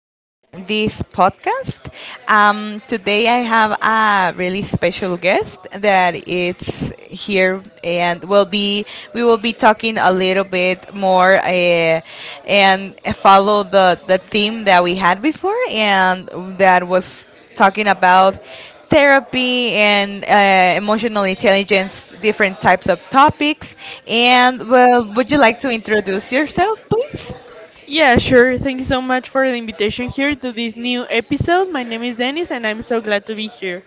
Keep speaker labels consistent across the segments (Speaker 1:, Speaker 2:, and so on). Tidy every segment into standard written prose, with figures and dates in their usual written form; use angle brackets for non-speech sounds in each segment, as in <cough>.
Speaker 1: of this podcast. Today I have a really special guest that it's here and will be we will be talking a little bit more and follow the theme that we had before, and that was talking about therapy and emotional intelligence, different types of topics. And well, would you like to introduce yourself, please?
Speaker 2: Yeah, sure. Thank you so much for the invitation here to this new episode. My name is Dennis and I'm so glad to be here.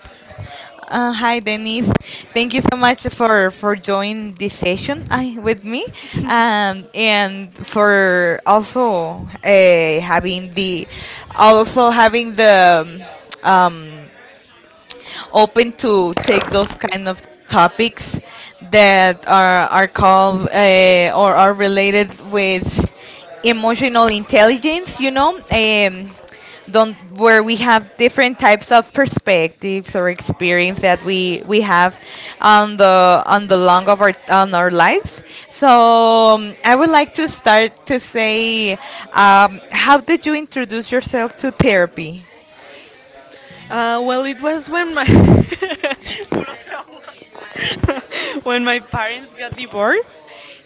Speaker 1: Hi, Denise. Thank you so much for joining this session with me, and for also having the also having the
Speaker 2: <laughs>
Speaker 1: um, open to take those kind of topics that are called or are related with emotional intelligence. You know, don't where we have different types of perspectives or experience that we have on the long of our on our lives. So I would like to start to say, how did you introduce yourself to therapy?
Speaker 2: Well, it was when my <laughs> when my parents got divorced.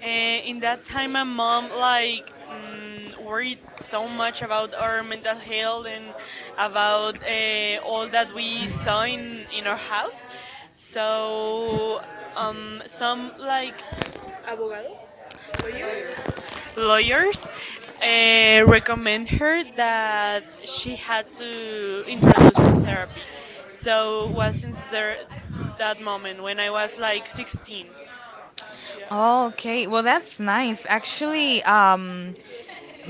Speaker 2: And in that time, my mom worried so much about our mental health and about all that we saw in our house. So some like. lawyers lawyers recommend her that she had to introduce to therapy. So was since there that moment when I was like 16. Yeah.
Speaker 1: Oh, okay. Well, that's nice. Actually,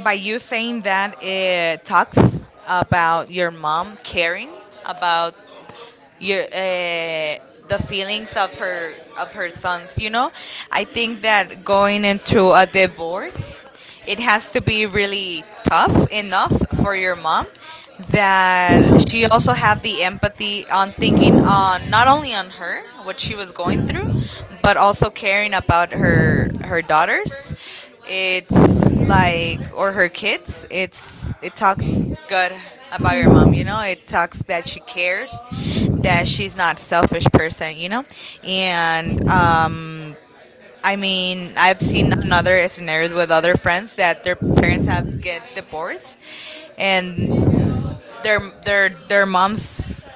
Speaker 1: by you saying that, it talks about your mom caring about your the feelings of her sons, you know. I think that going into a divorce, it has to be really tough enough for your mom, that she also have the empathy on thinking on not only on her what she was going through, but also caring about her daughters. It's like, or her kids, it's it talks good about your mom. You know,
Speaker 2: <laughs>
Speaker 1: it talks that she cares, that she's not selfish person. You know, and I mean, I've seen another scenarios with other friends that their parents have get divorced, and their moms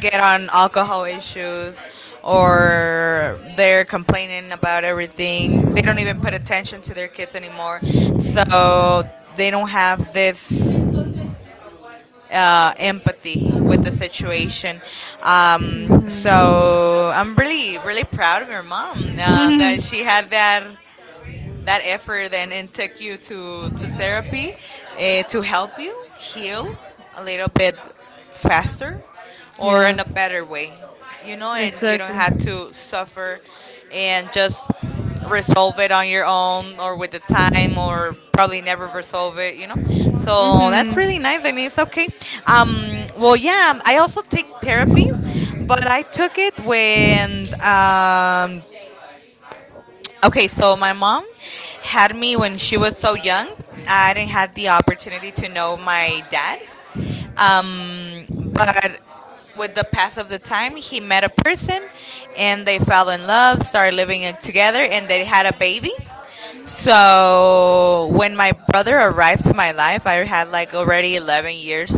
Speaker 1: get on alcohol issues, or they're complaining about everything. They don't even put attention to their kids anymore. So they don't have this empathy with the situation. So I'm really, really proud of your mom that
Speaker 2: Mhm.
Speaker 1: she had that that effort, and take you to therapy to help you heal a little bit faster or in
Speaker 2: Yeah.
Speaker 1: a better way, you know, and you don't
Speaker 2: Exactly.
Speaker 1: have to suffer and just resolve it on your own, or with the time, or probably never resolve it, you know. So that's
Speaker 2: Mm-hmm.
Speaker 1: really nice, and it's okay. Well, yeah, I also take therapy, but I took it when um okay, so my mom had me when she was so young. I didn't have the opportunity to know my dad. Um, but with the pass of the time, he met a person and they fell in love, started living it together, and they had a baby. So when my brother arrived to my life, I had like already 11 years,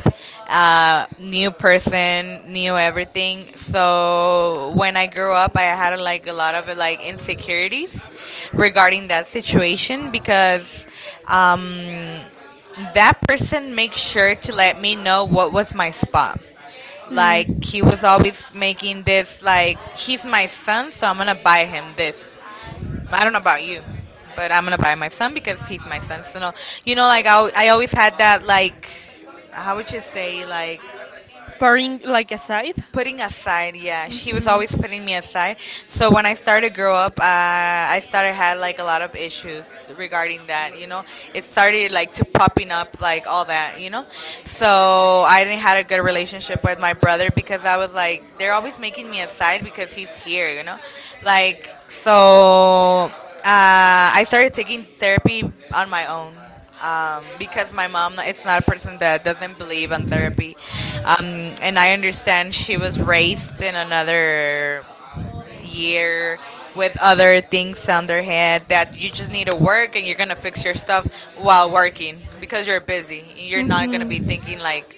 Speaker 1: new person, new everything. So when I grew up, I had like a lot of like insecurities regarding that situation, because um, that person makes sure to let me know what was my spot. Like
Speaker 2: Mm.
Speaker 1: he was always making this like, he's my son, so I'm gonna buy him this. I don't know about you, but I'm gonna buy my son because he's my son. So no, you know, like I always had that like, how would you say like,
Speaker 2: Pouring like a side.
Speaker 1: putting aside, yeah, she was
Speaker 2: Mm-hmm.
Speaker 1: always putting me aside. So when I started to grow up, I started had like a lot of issues regarding that, you know. It started like to popping up like all that, you know. So I didn't had a good relationship with my brother, because I was like, they're always making me aside because he's here, you know, like. So I started taking therapy on my own, because my mom is not a person that doesn't believe in therapy. And I understand she was raised in another year with other things on their head, that you just need to work and you're gonna fix your stuff while working because you're busy. You're not gonna be thinking like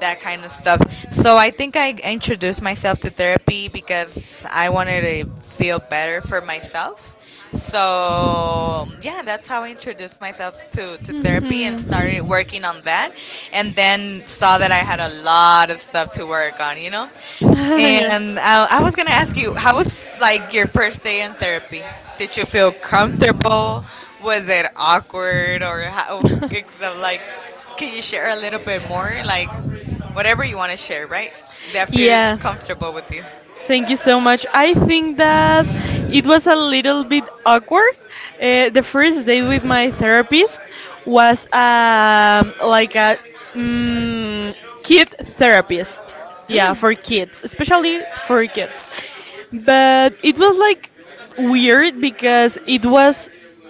Speaker 1: that kind of stuff. So I think I
Speaker 2: Mm-hmm.
Speaker 1: introduced myself to therapy because I wanted to feel better for myself. So yeah, that's how I introduced myself to therapy and started
Speaker 2: Mhm.
Speaker 1: working on that, and then saw that I had a lot of stuff to work on, you know?
Speaker 2: <laughs>
Speaker 1: And I was gonna ask you, how was like your first day in therapy? Did you feel comfortable? Was it awkward, or how,
Speaker 2: Yeah.
Speaker 1: like, can you share a little bit more? Like, whatever you want to share, right? That
Speaker 2: <laughs>
Speaker 1: feels
Speaker 2: Yeah.
Speaker 1: comfortable with you.
Speaker 2: Thank you so much. I think that it was a little bit awkward. The first day with my therapist was like a mm kid therapist. Yeah,
Speaker 1: Mm,
Speaker 2: for kids, especially for kids. But it was like weird because it was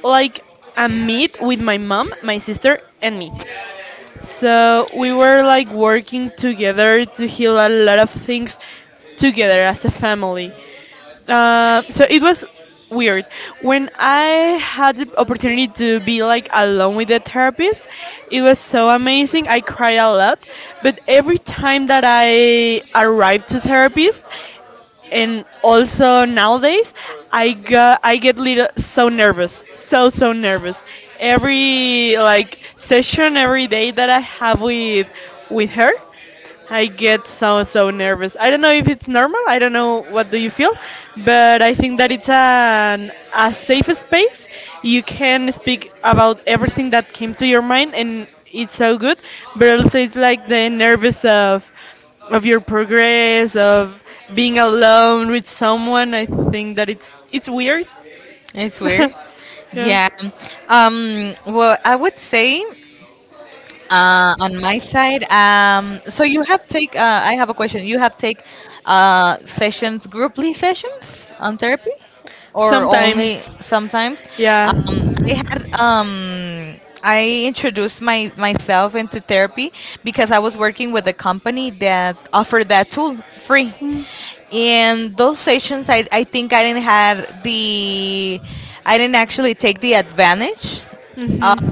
Speaker 2: like a meet with my mom, my sister, and me. So we were like working together to heal a lot of things together as a family. So it was weird. When I had the opportunity to be like alone with the therapist, it was so amazing. I cried a lot, but every time that I arrived to therapist, and also nowadays I get little so nervous, so nervous. Every like session, every day that I have with her, I get so nervous. I don't know if it's normal. I don't know what do you feel, but I think that it's an a safe space. You can speak about everything that came to your mind, and it's so good. But also, it's like the nervous of your progress, of being alone with someone. I think that it's weird.
Speaker 1: it's weird.
Speaker 2: <laughs> Yeah.
Speaker 1: Yeah. Well, I would say on my side. So you have take. I have a question. You have take sessions, grouply sessions on therapy, or only
Speaker 2: Sometimes.
Speaker 1: sometimes.
Speaker 2: Yeah.
Speaker 1: I had. I introduced my myself into therapy because I was working with a company that offered that tool free. In those sessions, I think I didn't have the I didn't actually take the advantage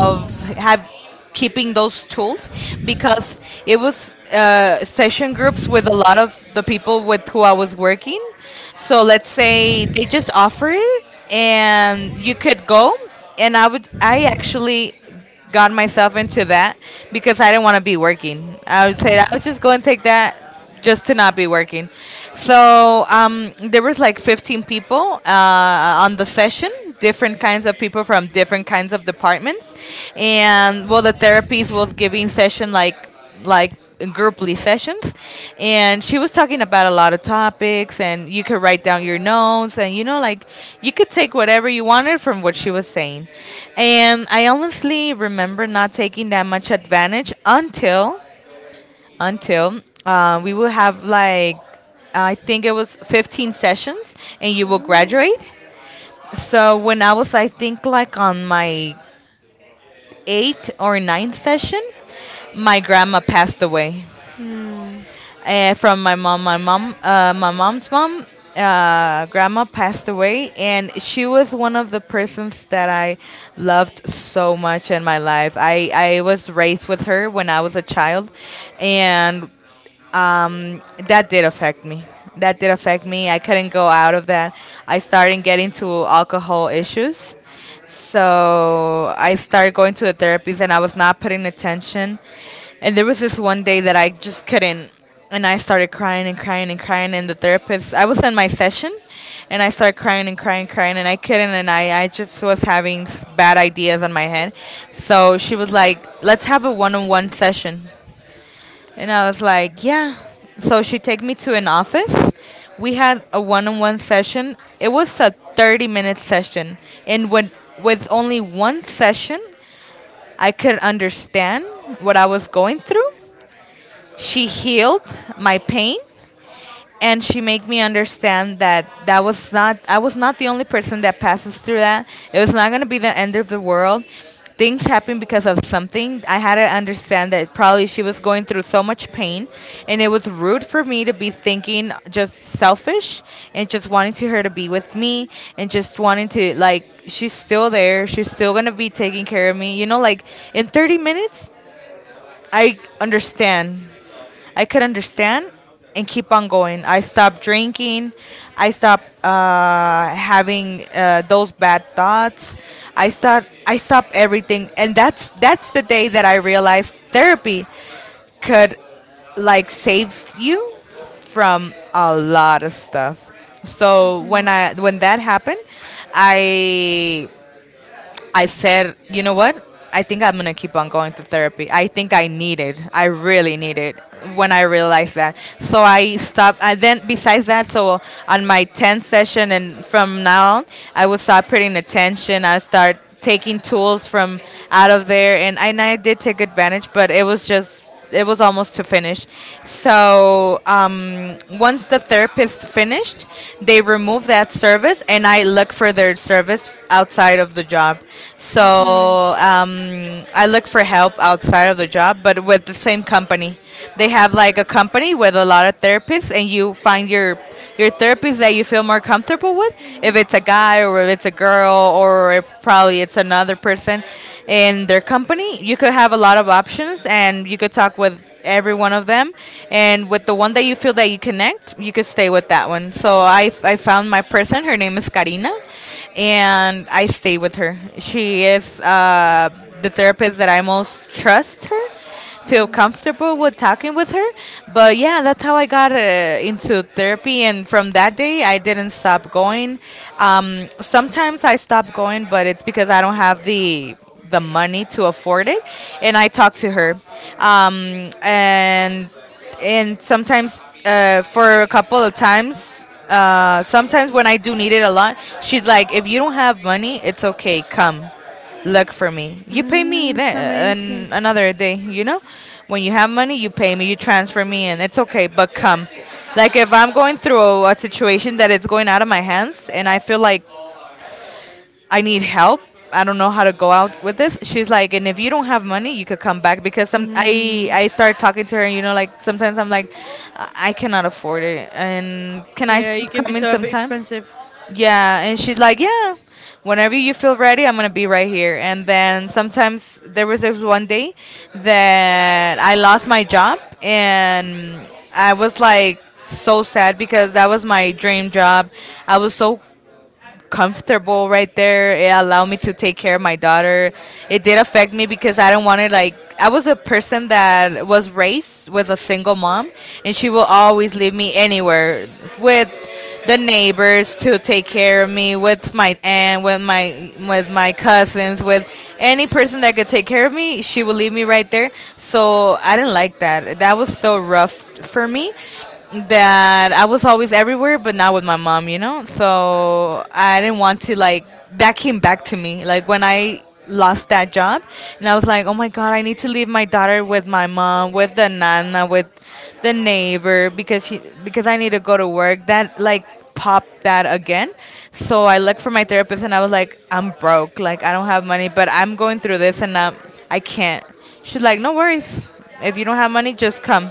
Speaker 1: of have keeping those tools, because it was session groups with a lot of the people with who I was working. So let's say they just offer it and you could go, and I actually got myself into that because I didn't want to be working. I would say I would just go and take that just to
Speaker 2: Mhm.
Speaker 1: not be working. So there was like 15 people on the session, different kinds of people from different kinds of departments, and well, the therapist was giving session like grouply sessions, and she was talking about a lot of topics, and you could write down your notes, and you know like you could take whatever you wanted from what she was saying, and I honestly remember not taking that much advantage until we will have like, I think it was 15 sessions, and you will graduate. So when I was, I think like on my eighth or ninth session, my grandma passed away
Speaker 2: Mm.
Speaker 1: from my mom. My mom's mom, grandma passed away, and she was one of the persons that I loved so much in my life. I was raised with her when I was a child, and um, that did affect me. That did affect me. I couldn't go out of that. I started getting to alcohol issues. So I started going to the therapies and I was not putting attention. And there was this one day that I just couldn't. And I started crying and crying and crying. And the therapist, I was in my session and I started crying and crying and crying. And I couldn't. And I just was having bad ideas on my head. So she was like, let's have a one on one session. And I was like, yeah. So she take me to an office. We had a one-on-one session. It was a 30-minute session. And when, with only one session, I could understand what I was going through. She healed my pain, and she made me understand that that was not I was not the only person that passes through that. It was not going to be the end of the world. Things happen because of something. I had to understand that probably she was going through so much pain, and it was rude for me to be thinking just selfish and just wanting to her to be with me, and just wanting to like, she's still there, she's still gonna be taking care of me, you know. Like, in 30 minutes, I understand I could understand and keep on going. I stopped drinking. I stopped having those bad thoughts. I start. I stopped everything, and that's the day that I realized therapy could like save you from a lot of stuff. So when I when that happened, I I said, you know what? I think I'm gonna keep on going to therapy. I think I need it. I really need it, when I realized that. So I stopped. And then besides that, so on my 10th session and from now on, I would start putting attention. I start taking tools from out of there, and I did take advantage, but it was just, it was almost to finish. So once the therapist finished, they remove that service, and I look for their service outside of the job.
Speaker 2: Mhm.
Speaker 1: So
Speaker 2: Mm.
Speaker 1: I look for help outside of the job, but with the same company. They have like a company with a lot of therapists, and you find your therapist that you feel more comfortable with. If it's a guy or if it's a girl or if probably it's another person in their company, you could have a lot of options, and you could talk with every one of them and with the one that you feel that you connect you could stay with that one. I found my person. Her name is Karina and I stayed with her. She is the therapist that I most trust her, feel comfortable with talking with her. But yeah, that's how I got into therapy. And from that day, I didn't stop going. Sometimes I stop going, but it's because I don't have the money to afford it. And I talk to her. Um, and and sometimes, for a couple of times, sometimes when I do need it a lot she's like, "If you don't have money it's okay, come look for me. You pay me
Speaker 2: Mm, it's
Speaker 1: then,
Speaker 2: amazing.
Speaker 1: another day, you know? When you have money, you pay me, you transfer me and it's okay, but come." Like if I'm going through a situation that it's going out of my hands and I feel like I need help, I don't know how to go out with this. She's like, and if you don't have money, you could come back because some I
Speaker 2: Hmm.
Speaker 1: I start talking to her, you know, like sometimes I'm like I cannot afford it and can I
Speaker 2: Yeah, it
Speaker 1: stop
Speaker 2: can be
Speaker 1: coming
Speaker 2: so
Speaker 1: sometimes?
Speaker 2: expensive.
Speaker 1: Yeah, and she's like, "Yeah, whenever you feel ready, I'm gonna be right here." And then sometimes there was this one day that I lost my job, and I was like so sad because that was my dream job. I was so comfortable right there. It allowed me to take care of my daughter. It did affect me because I didn't want to, like, I was a person that was raised with a single mom and she will always leave me anywhere with the neighbors to take care of me, with my aunt, with my, with my cousins, with any person that could take care of me she would leave me right there. So I didn't like that. That was so rough for me, that I was always everywhere, but not with my mom, you know? So I didn't want to, like, that came back to me. Like, when I lost that job, and I was like, oh my God, I need to leave my daughter with my mom, with the nana, with the neighbor, because she, because I need to go to work. That, like, popped that again. So I looked for my therapist and I was like, I'm broke. Like, I don't have money, but I'm going through this and, I can't. She's like, no worries. If you don't have money, just come.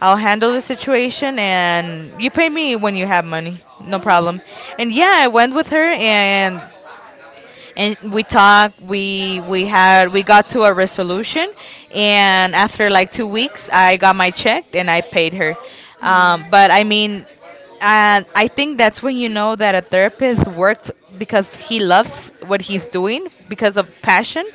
Speaker 1: I'll handle the situation and you pay me when you have money. No problem. And yeah, I went with her and we talked, we had we got to a resolution and after like 2 weeks I got my check and I paid her. Um, but
Speaker 2: Mm.
Speaker 1: I mean and I think that's when you know that a therapist works because he loves what he's doing, because of passion,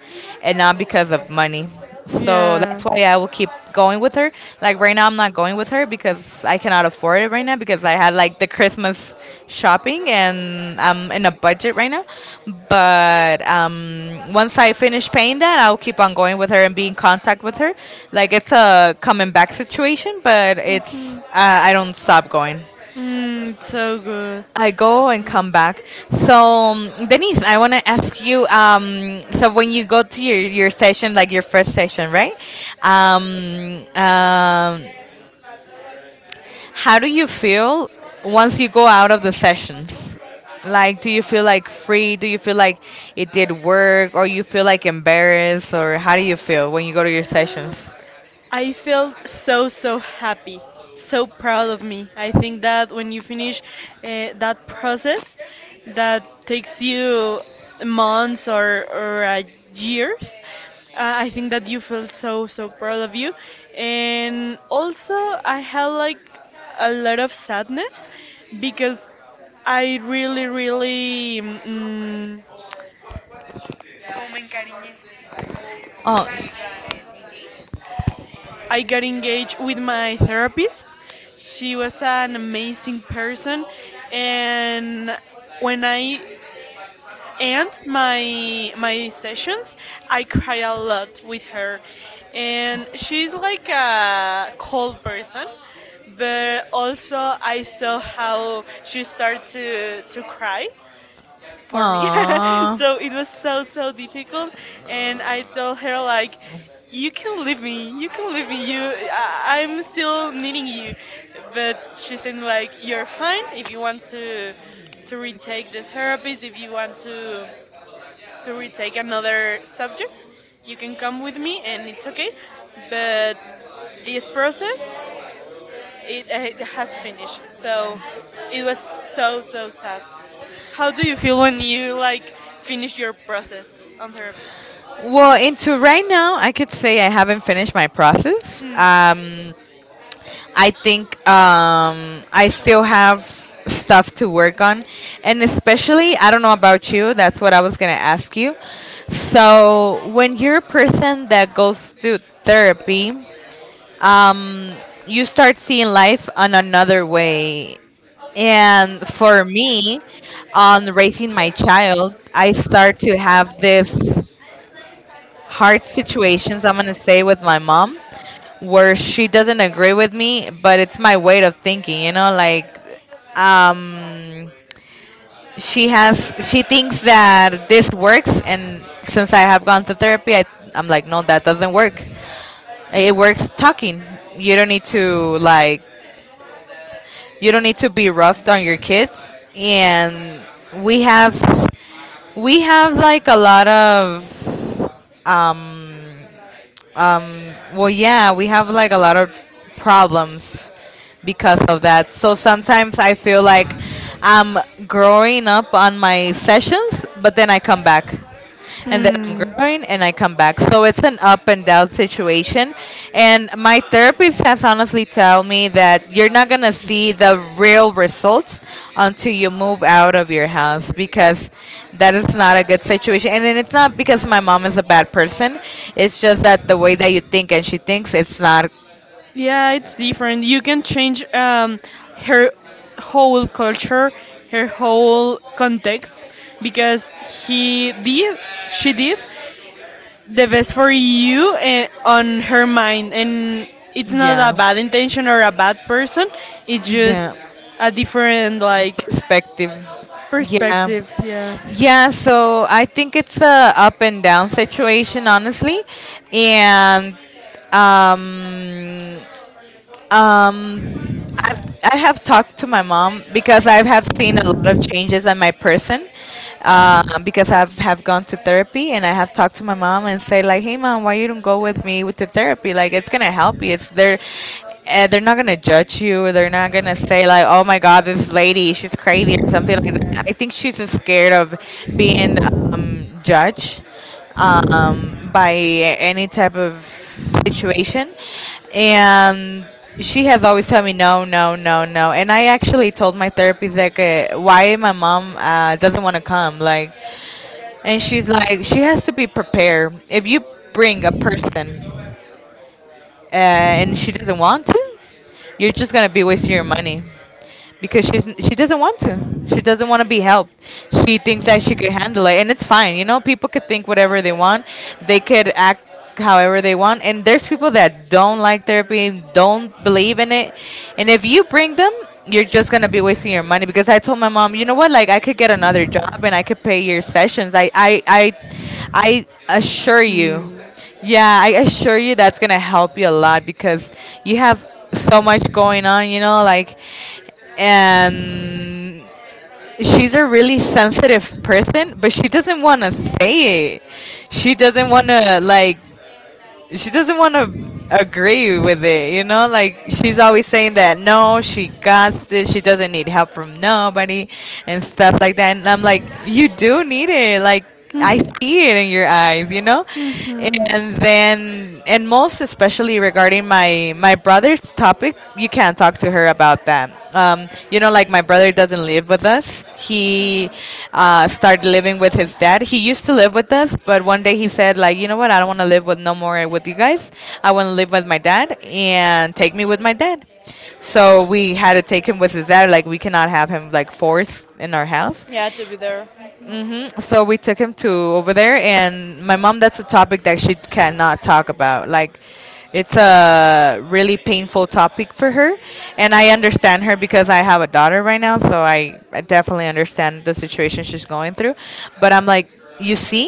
Speaker 1: and not because of money. So
Speaker 2: Yeah.
Speaker 1: that's why I will keep going with her. Like right now, I'm not going with her because I cannot afford it right now because I had like the Christmas shopping and I'm in a budget right now. But once I finish paying that, I'll keep on going with her and be in contact with her. Like it's a coming back situation, but it's
Speaker 2: Mhm.
Speaker 1: I don't stop going.
Speaker 2: Mm, so good.
Speaker 1: I go and come back. So, Denise, I want to ask you. So, when you go to your session, like your first session, right? Um, um, how do you feel once you go out of the sessions? Like, do you feel like free? Do you feel like it did work, or you feel like embarrassed, or how do you feel when you go to your
Speaker 2: <laughs>
Speaker 1: sessions?
Speaker 2: <gasps> I felt so, so happy, so proud of me. I think that when you finish that process that takes you months or years, uh, I think that you feel so, so proud of you. And also, I had like a lot of sadness because I really, really,
Speaker 1: Oh.
Speaker 2: I got engaged with my therapist. She was an amazing person, and when I end my sessions, I cry a lot with her. And she's like a cold person, but also I saw how she started to cry for me. <laughs>
Speaker 1: Aww.
Speaker 2: So it was so difficult, and I told her like, "You can leave me. You can leave me. I'm still needing you." But she said like, "You're fine. If you want to retake the therapist, if you want to retake another subject, you can come with me, and it's okay. But this process." It has to finish. So it was so sad. How do you feel when you like finish your process on therapist?
Speaker 1: Well, into right now, I could say I haven't finished my process.
Speaker 2: Mm.
Speaker 1: I think I still have stuff to work on. And especially, I don't know about you, that's what I was going to ask you. So, when you're a person that goes through therapy, um, you start seeing life on another way. And for me, on raising my child, I start to have this hard situations I'm gonna say with my mom where she doesn't agree with me, but it's my way of thinking, you know, like, um she have, she thinks that this works and since I have gone to therapy I, I'm like no, that doesn't work. It works talking. You don't need to like, you don't need to be rough on your kids. And we have we have like a lot of um we have like a lot of problems because of that. So sometimes I feel like I'm growing up on my sessions, but then I come back and then I'm
Speaker 2: Hmm.
Speaker 1: growing and I come back. So it's an up and down situation. And my therapist has honestly told me that you're not going to see the real results until you move out of your house because that is not a good situation. And then it's not because my mom is a bad person. It's just that the way that you think and she thinks it's not.
Speaker 2: Yeah, it's different. You can change her whole culture, her whole context, because she did the best for you on her mind and it's not a
Speaker 1: Yeah.
Speaker 2: bad intention or a bad person. It's just
Speaker 1: Yeah.
Speaker 2: a different like
Speaker 1: Perspective. Yeah.
Speaker 2: perspective, yeah.
Speaker 1: Yeah, so I think it's a up and down situation honestly. And Um, um, I've, I have talked to my mom because I have seen a lot of changes in my person. Because I've have gone to therapy and I have talked to my mom and say like, hey mom, why you don't go with me with the therapy? Like it's gonna help you. It's there. They're not gonna judge you. Or they're not gonna say like, "Oh my God, this lady, she's crazy" or something like that. I think she's just scared of being, judged, by any type of situation. And she has always told me no, no, no, no. And I actually told my therapist like, why my mom doesn't want to come, like, and she's like, she has to be prepared. If you bring a person, and she doesn't want to, you're just gonna be wasting your money because she doesn't want to. She doesn't want to be helped. She thinks that she could handle it, and it's fine. You know, people could think whatever they want. They could act however they want. And there's people that don't like therapy, don't believe in it, and if you bring them, you're just gonna be wasting your money. Because I told my mom, you know what? Like I could get another job and I could pay your sessions. I assure you,
Speaker 2: Mm.
Speaker 1: yeah, I assure you that's gonna help you a lot because you have so much going on, you know, like, and she's a really sensitive person but she doesn't want to say it. She doesn't want to like, she doesn't want to agree with it, you know, like she's always saying that no, she got this, she doesn't need help from nobody and stuff like that, and I'm like, you do need it. Like, I see it in your eyes, you know.
Speaker 2: Mhm.
Speaker 1: And most especially regarding my brother's topic you can't talk to her about that. You know, like my brother doesn't live with us. He, started living with his dad. He used to live with us but one day he said like, you know what, I don't want to live with no more with you guys. I want to live with my dad and take me with my dad. So we had to take him with his dad. Like, we cannot have him like forced in our house.
Speaker 2: Yeah, to be there.
Speaker 1: Hmm. So we took him to over there, and my mom, that's a topic that she cannot talk about. Like, it's a really painful topic for her, and I understand her because I have a daughter right now, so I definitely understand the situation she's going through. But I'm like, you see,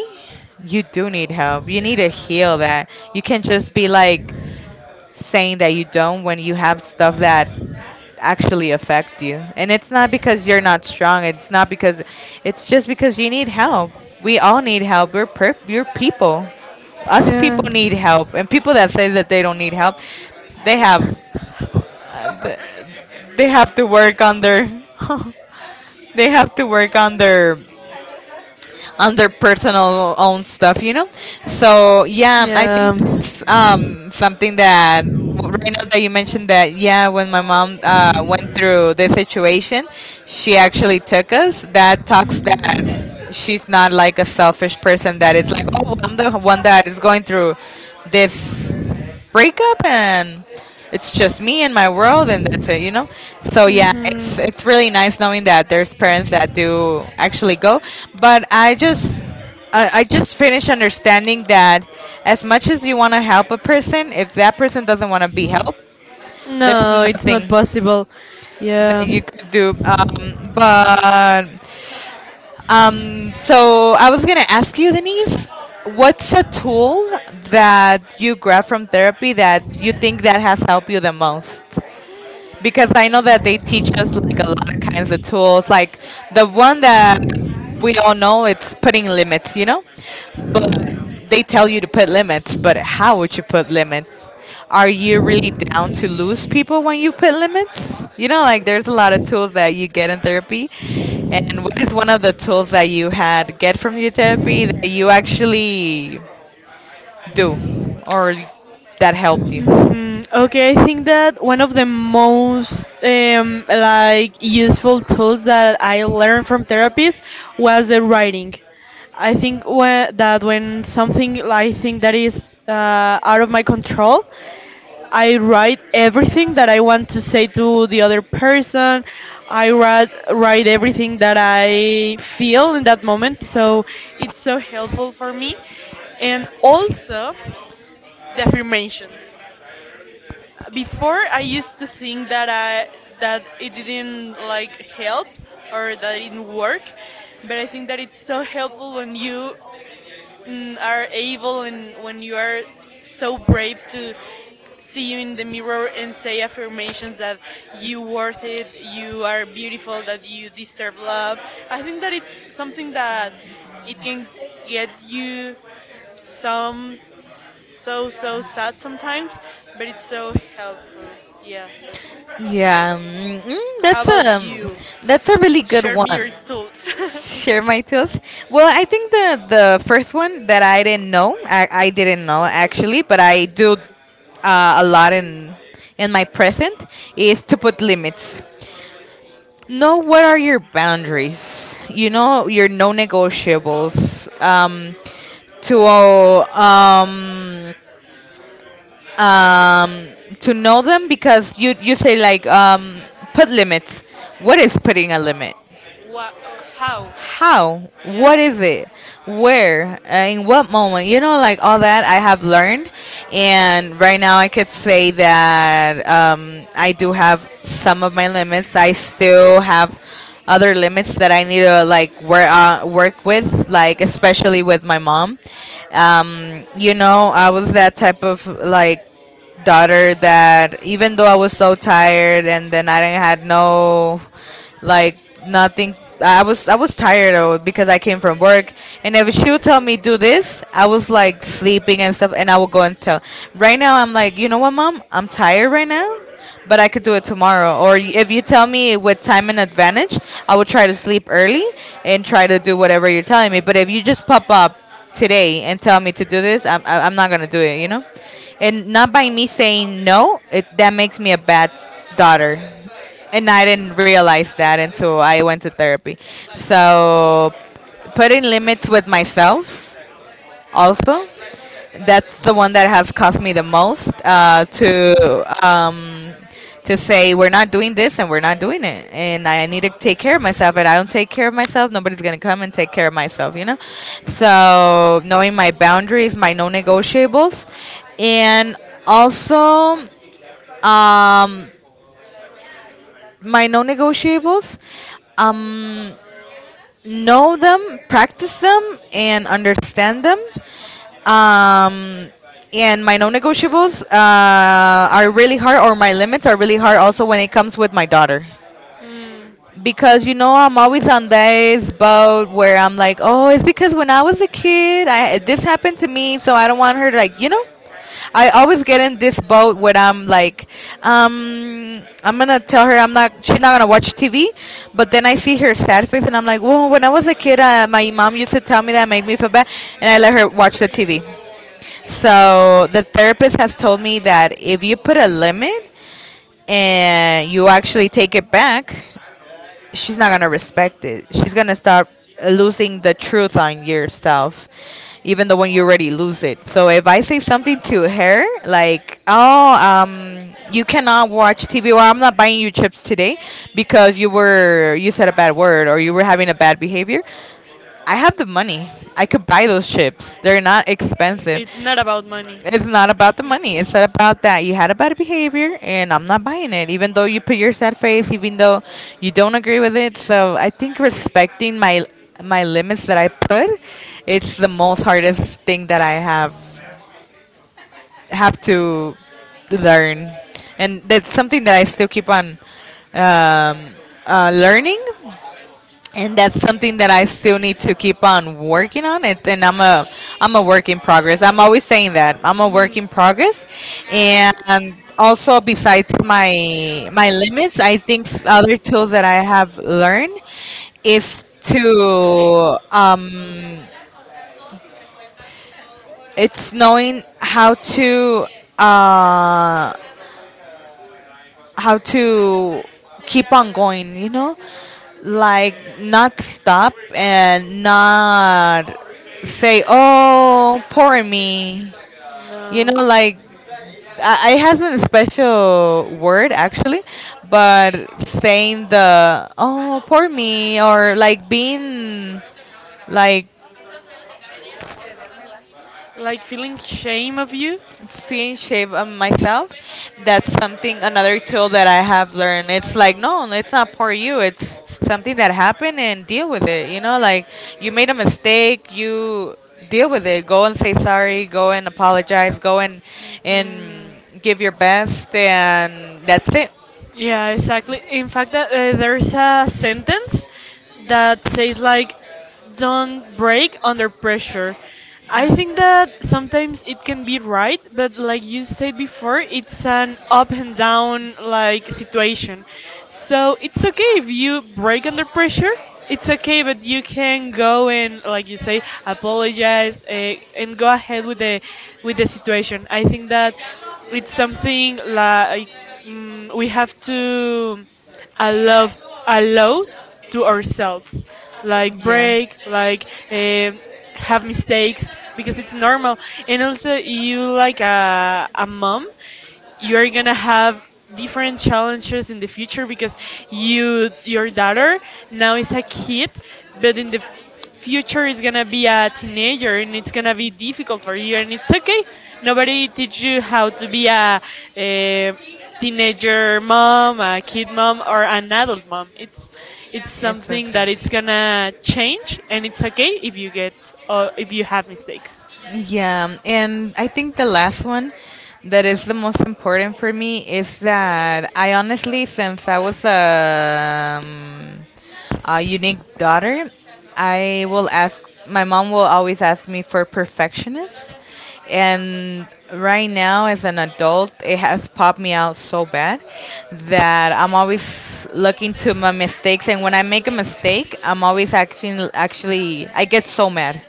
Speaker 1: you do need help. You need to heal that. You can't just be like saying that you don't when you have stuff that actually affect you. And it's not because you're not strong. It's not because, it's just because you need help. We all need help. We're you're people. Us
Speaker 2: Yeah.
Speaker 1: people need help. And people that say that they don't need help, they have uh, th- they have to work on their <laughs> they have to work on their personal own stuff, you know. So yeah, I think
Speaker 2: Yeah.
Speaker 1: it's something that right now that you mentioned that, yeah, when my mom went through this situation, she actually took us. That talks that she's not like a selfish person. That it's like, oh, I'm the one that is going through this breakup, and it's just me and my world and that's it you know So yeah, it's
Speaker 2: Hmm.
Speaker 1: it's really nice knowing that there's parents that do actually go. But I just finished understanding that as much as you want to help a person, if that person doesn't want to be helped, there's
Speaker 2: No, it's not
Speaker 1: nothing
Speaker 2: possible.
Speaker 1: that
Speaker 2: Yeah.
Speaker 1: you could do, but so I was gonna ask you, Denise, what's a tool that you grab from therapy that you think that has helped you the most? Because I know that they teach us like a lot of kinds of tools. Like the one that we all know, it's putting limits, you know? But they tell you to put limits, but how would you put limits? Are you really down to lose people when you put limits? You know, like there's a lot of tools that you get in therapy. And what is one of the tools that you had get from your therapy that you actually do or that helped you?
Speaker 2: Hmm. Okay, I think that one of the most like useful tools that I learned from therapists was the writing. I think when, that when Something I think that is out of my control, I write everything that I want to say to the other person. I write everything that I feel in that moment, so it's so helpful for me. And also the affirmations. Before I used to think that it didn't like help or that it didn't work, but I think that it's so helpful when you are able and when you are so brave to see you in the mirror and say affirmations that you worth it, you are beautiful, that you deserve love. I think that it's something that it can get you some so sad sometimes, but it's so helpful. Yeah.
Speaker 1: Yeah,
Speaker 2: How
Speaker 1: that's
Speaker 2: about
Speaker 1: a,
Speaker 2: you?
Speaker 1: that's a really good
Speaker 2: Share me
Speaker 1: one.
Speaker 2: your thoughts.
Speaker 1: Share my tilt. Well, I think the first one that I didn't know, I didn't know actually, but I do a lot in my present is to put limits. Know what are your boundaries. You know your no-negotiables. To um um, to know them, because you say like, put limits. What is putting a limit?
Speaker 2: <laughs> What? How?
Speaker 1: How? What
Speaker 2: Yeah.
Speaker 1: is it? Where? In what moment? You know, like all that I have learned, and right now I could say that, I do have some of my limits. I still have other limits that I need to like work, work with, like especially with my mom. You know, I was that type of like daughter that, even though I was so tired and then I didn't had no, like, nothing. I was, I was tired though, because I came from work, and if she would tell me do this, I was like sleeping and stuff, and I would go and tell. Right now I'm like, you know what, Mom, I'm tired right now, but I could do it tomorrow, or if you tell me with time and advantage, I would try to sleep early and try to do whatever you're telling me. But if you just pop up today and tell me to do this, I'm not gonna do it, you know. And not by me saying no, it, that makes me a bad daughter. And I didn't realize that until I went to therapy. So, putting limits with myself also, that's the one that has cost me the most, to say we're not doing this, and we're not doing it, and I need to take care of myself. And I don't take care of myself, nobody's going to come and take care of myself, you know. So, knowing my boundaries, my non-negotiables, and also, um, my non-negotiables. Um, know them, practice them, and understand them. Um, and my non-negotiables, are really hard, or my limits are really hard. Also, when it comes with my daughter,
Speaker 2: Mm.
Speaker 1: because, you know, I'm always on this boat where I'm like, oh, it's because when I was a kid, I, this happened to me, so I don't want her to, like, you know. I always get in this boat when I'm like, I'm gonna tell her I'm not. She's not gonna watch TV. But then I see her sad face, and I'm like, well, when I was a kid, my mom used to tell me that, make me feel bad, and I let her watch the TV. So the therapist has told me that if you put a limit and you actually take it back, she's not gonna respect it. She's gonna start losing the truth on yourself, even though when you already lose it. So if I say something to her like, "Oh, you cannot watch TV," or, "I'm not buying you chips today because you were, you said a bad word, or you were having a bad behavior." I have the money. I could buy those chips. They're not expensive.
Speaker 2: It's not about money.
Speaker 1: It's not about the money. It's not about that. You had a bad behavior, and I'm not buying it. Even though you put your sad face, even though you don't agree with it. So I think respecting my, my limits that I put, it's the most hardest thing that I have to learn. And that's something that I still keep on, um, learning. And that's something that I still need to keep on working on it. And I'm a, I'm a work in progress. I'm always saying that. I'm a work in progress. And also, besides my my limits, I think other tools that I have learned is to, it's knowing how to, uh how to keep on going, you know? Like, not stop and not say, oh, poor me, you know,
Speaker 2: No.
Speaker 1: like, I has a special word actually, but saying the "oh poor me," or like being like,
Speaker 2: Like feeling shame of you?
Speaker 1: fin shave on myself. That's something, another tool that I have learned. It's like, no, it's not for you. It's something that happened, and deal with it. You know, like you made a mistake, you deal with it. Go and say sorry. Go and apologize. Go and
Speaker 2: Hmm.
Speaker 1: give your best, and that's it.
Speaker 2: Yeah, exactly. In fact, that there's a sentence that says like, "Don't break under pressure." I think that sometimes it can be right, but like you said before, it's an up and down like situation. So it's okay if you break under pressure. It's okay, but you can go and, like you say, apologize and go ahead with the situation. I think that it's something like we have to allow allow to ourselves, like
Speaker 1: Yeah,
Speaker 2: break, like have mistakes because it's normal. And also, you like a mom, you're gonna have different challenges in the future because your daughter now is a kid but in the future is gonna be a teenager and it's gonna be difficult for you and it's okay. Nobody teach you how to be a teenager mom, a kid mom, or an adult mom.
Speaker 1: it's
Speaker 2: It's
Speaker 1: it's
Speaker 2: something
Speaker 1: okay.
Speaker 2: that it's
Speaker 1: Okay.
Speaker 2: gonna change and it's okay if you get or if you have mistakes.
Speaker 1: Yeah, and I think the last one that is the most important for me is that, I honestly, since I was a unique daughter, I will ask, my mom will always ask me for perfectionist. And right now, as an adult, it has popped me out so bad that I'm always looking to my mistakes. And when I make a mistake, I'm always acting, actually, I get so mad,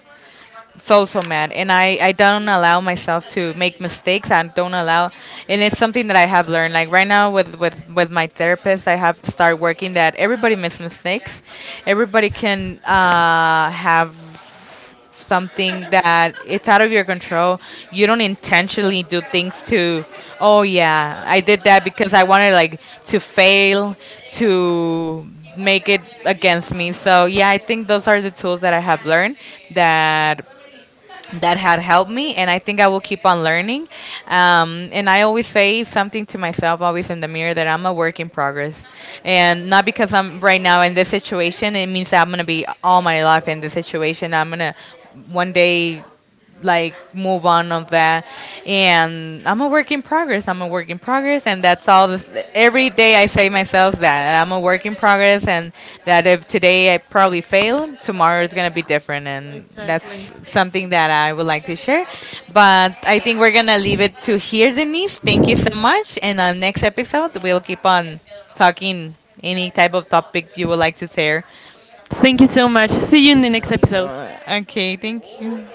Speaker 1: so mad. And I don't allow myself to make mistakes, I don't allow. And it's something that I have learned, like right now, with with my therapist, I have start working that everybody makes mistakes. Everybody can, have something that it's out of your control. You don't intentionally do things to, oh yeah, I did that because I wanted, like, to fail, to make it against me. So yeah, I think those are the tools that I have learned, that that had helped me, and I think I will keep on learning. And I always say something to myself, always in the mirror, that I'm a work in progress. And not because I'm right now in this situation, it means that I'm going to be all my life in this situation. I'm going to one day like move on of that. And I'm a work in progress, I'm a work in progress, and that's all this. Every day I say myself that I'm a work in progress. And that if today I probably fail, tomorrow is going to be different. And
Speaker 2: Exactly.
Speaker 1: that's something that I would like to share. But I think we're going to leave it to here, Denise. Thank you so much. And on next episode we'll keep on talking any type of topic you would like to share.
Speaker 2: Thank you so much, see you in the next episode.
Speaker 1: Well, okay, thank you.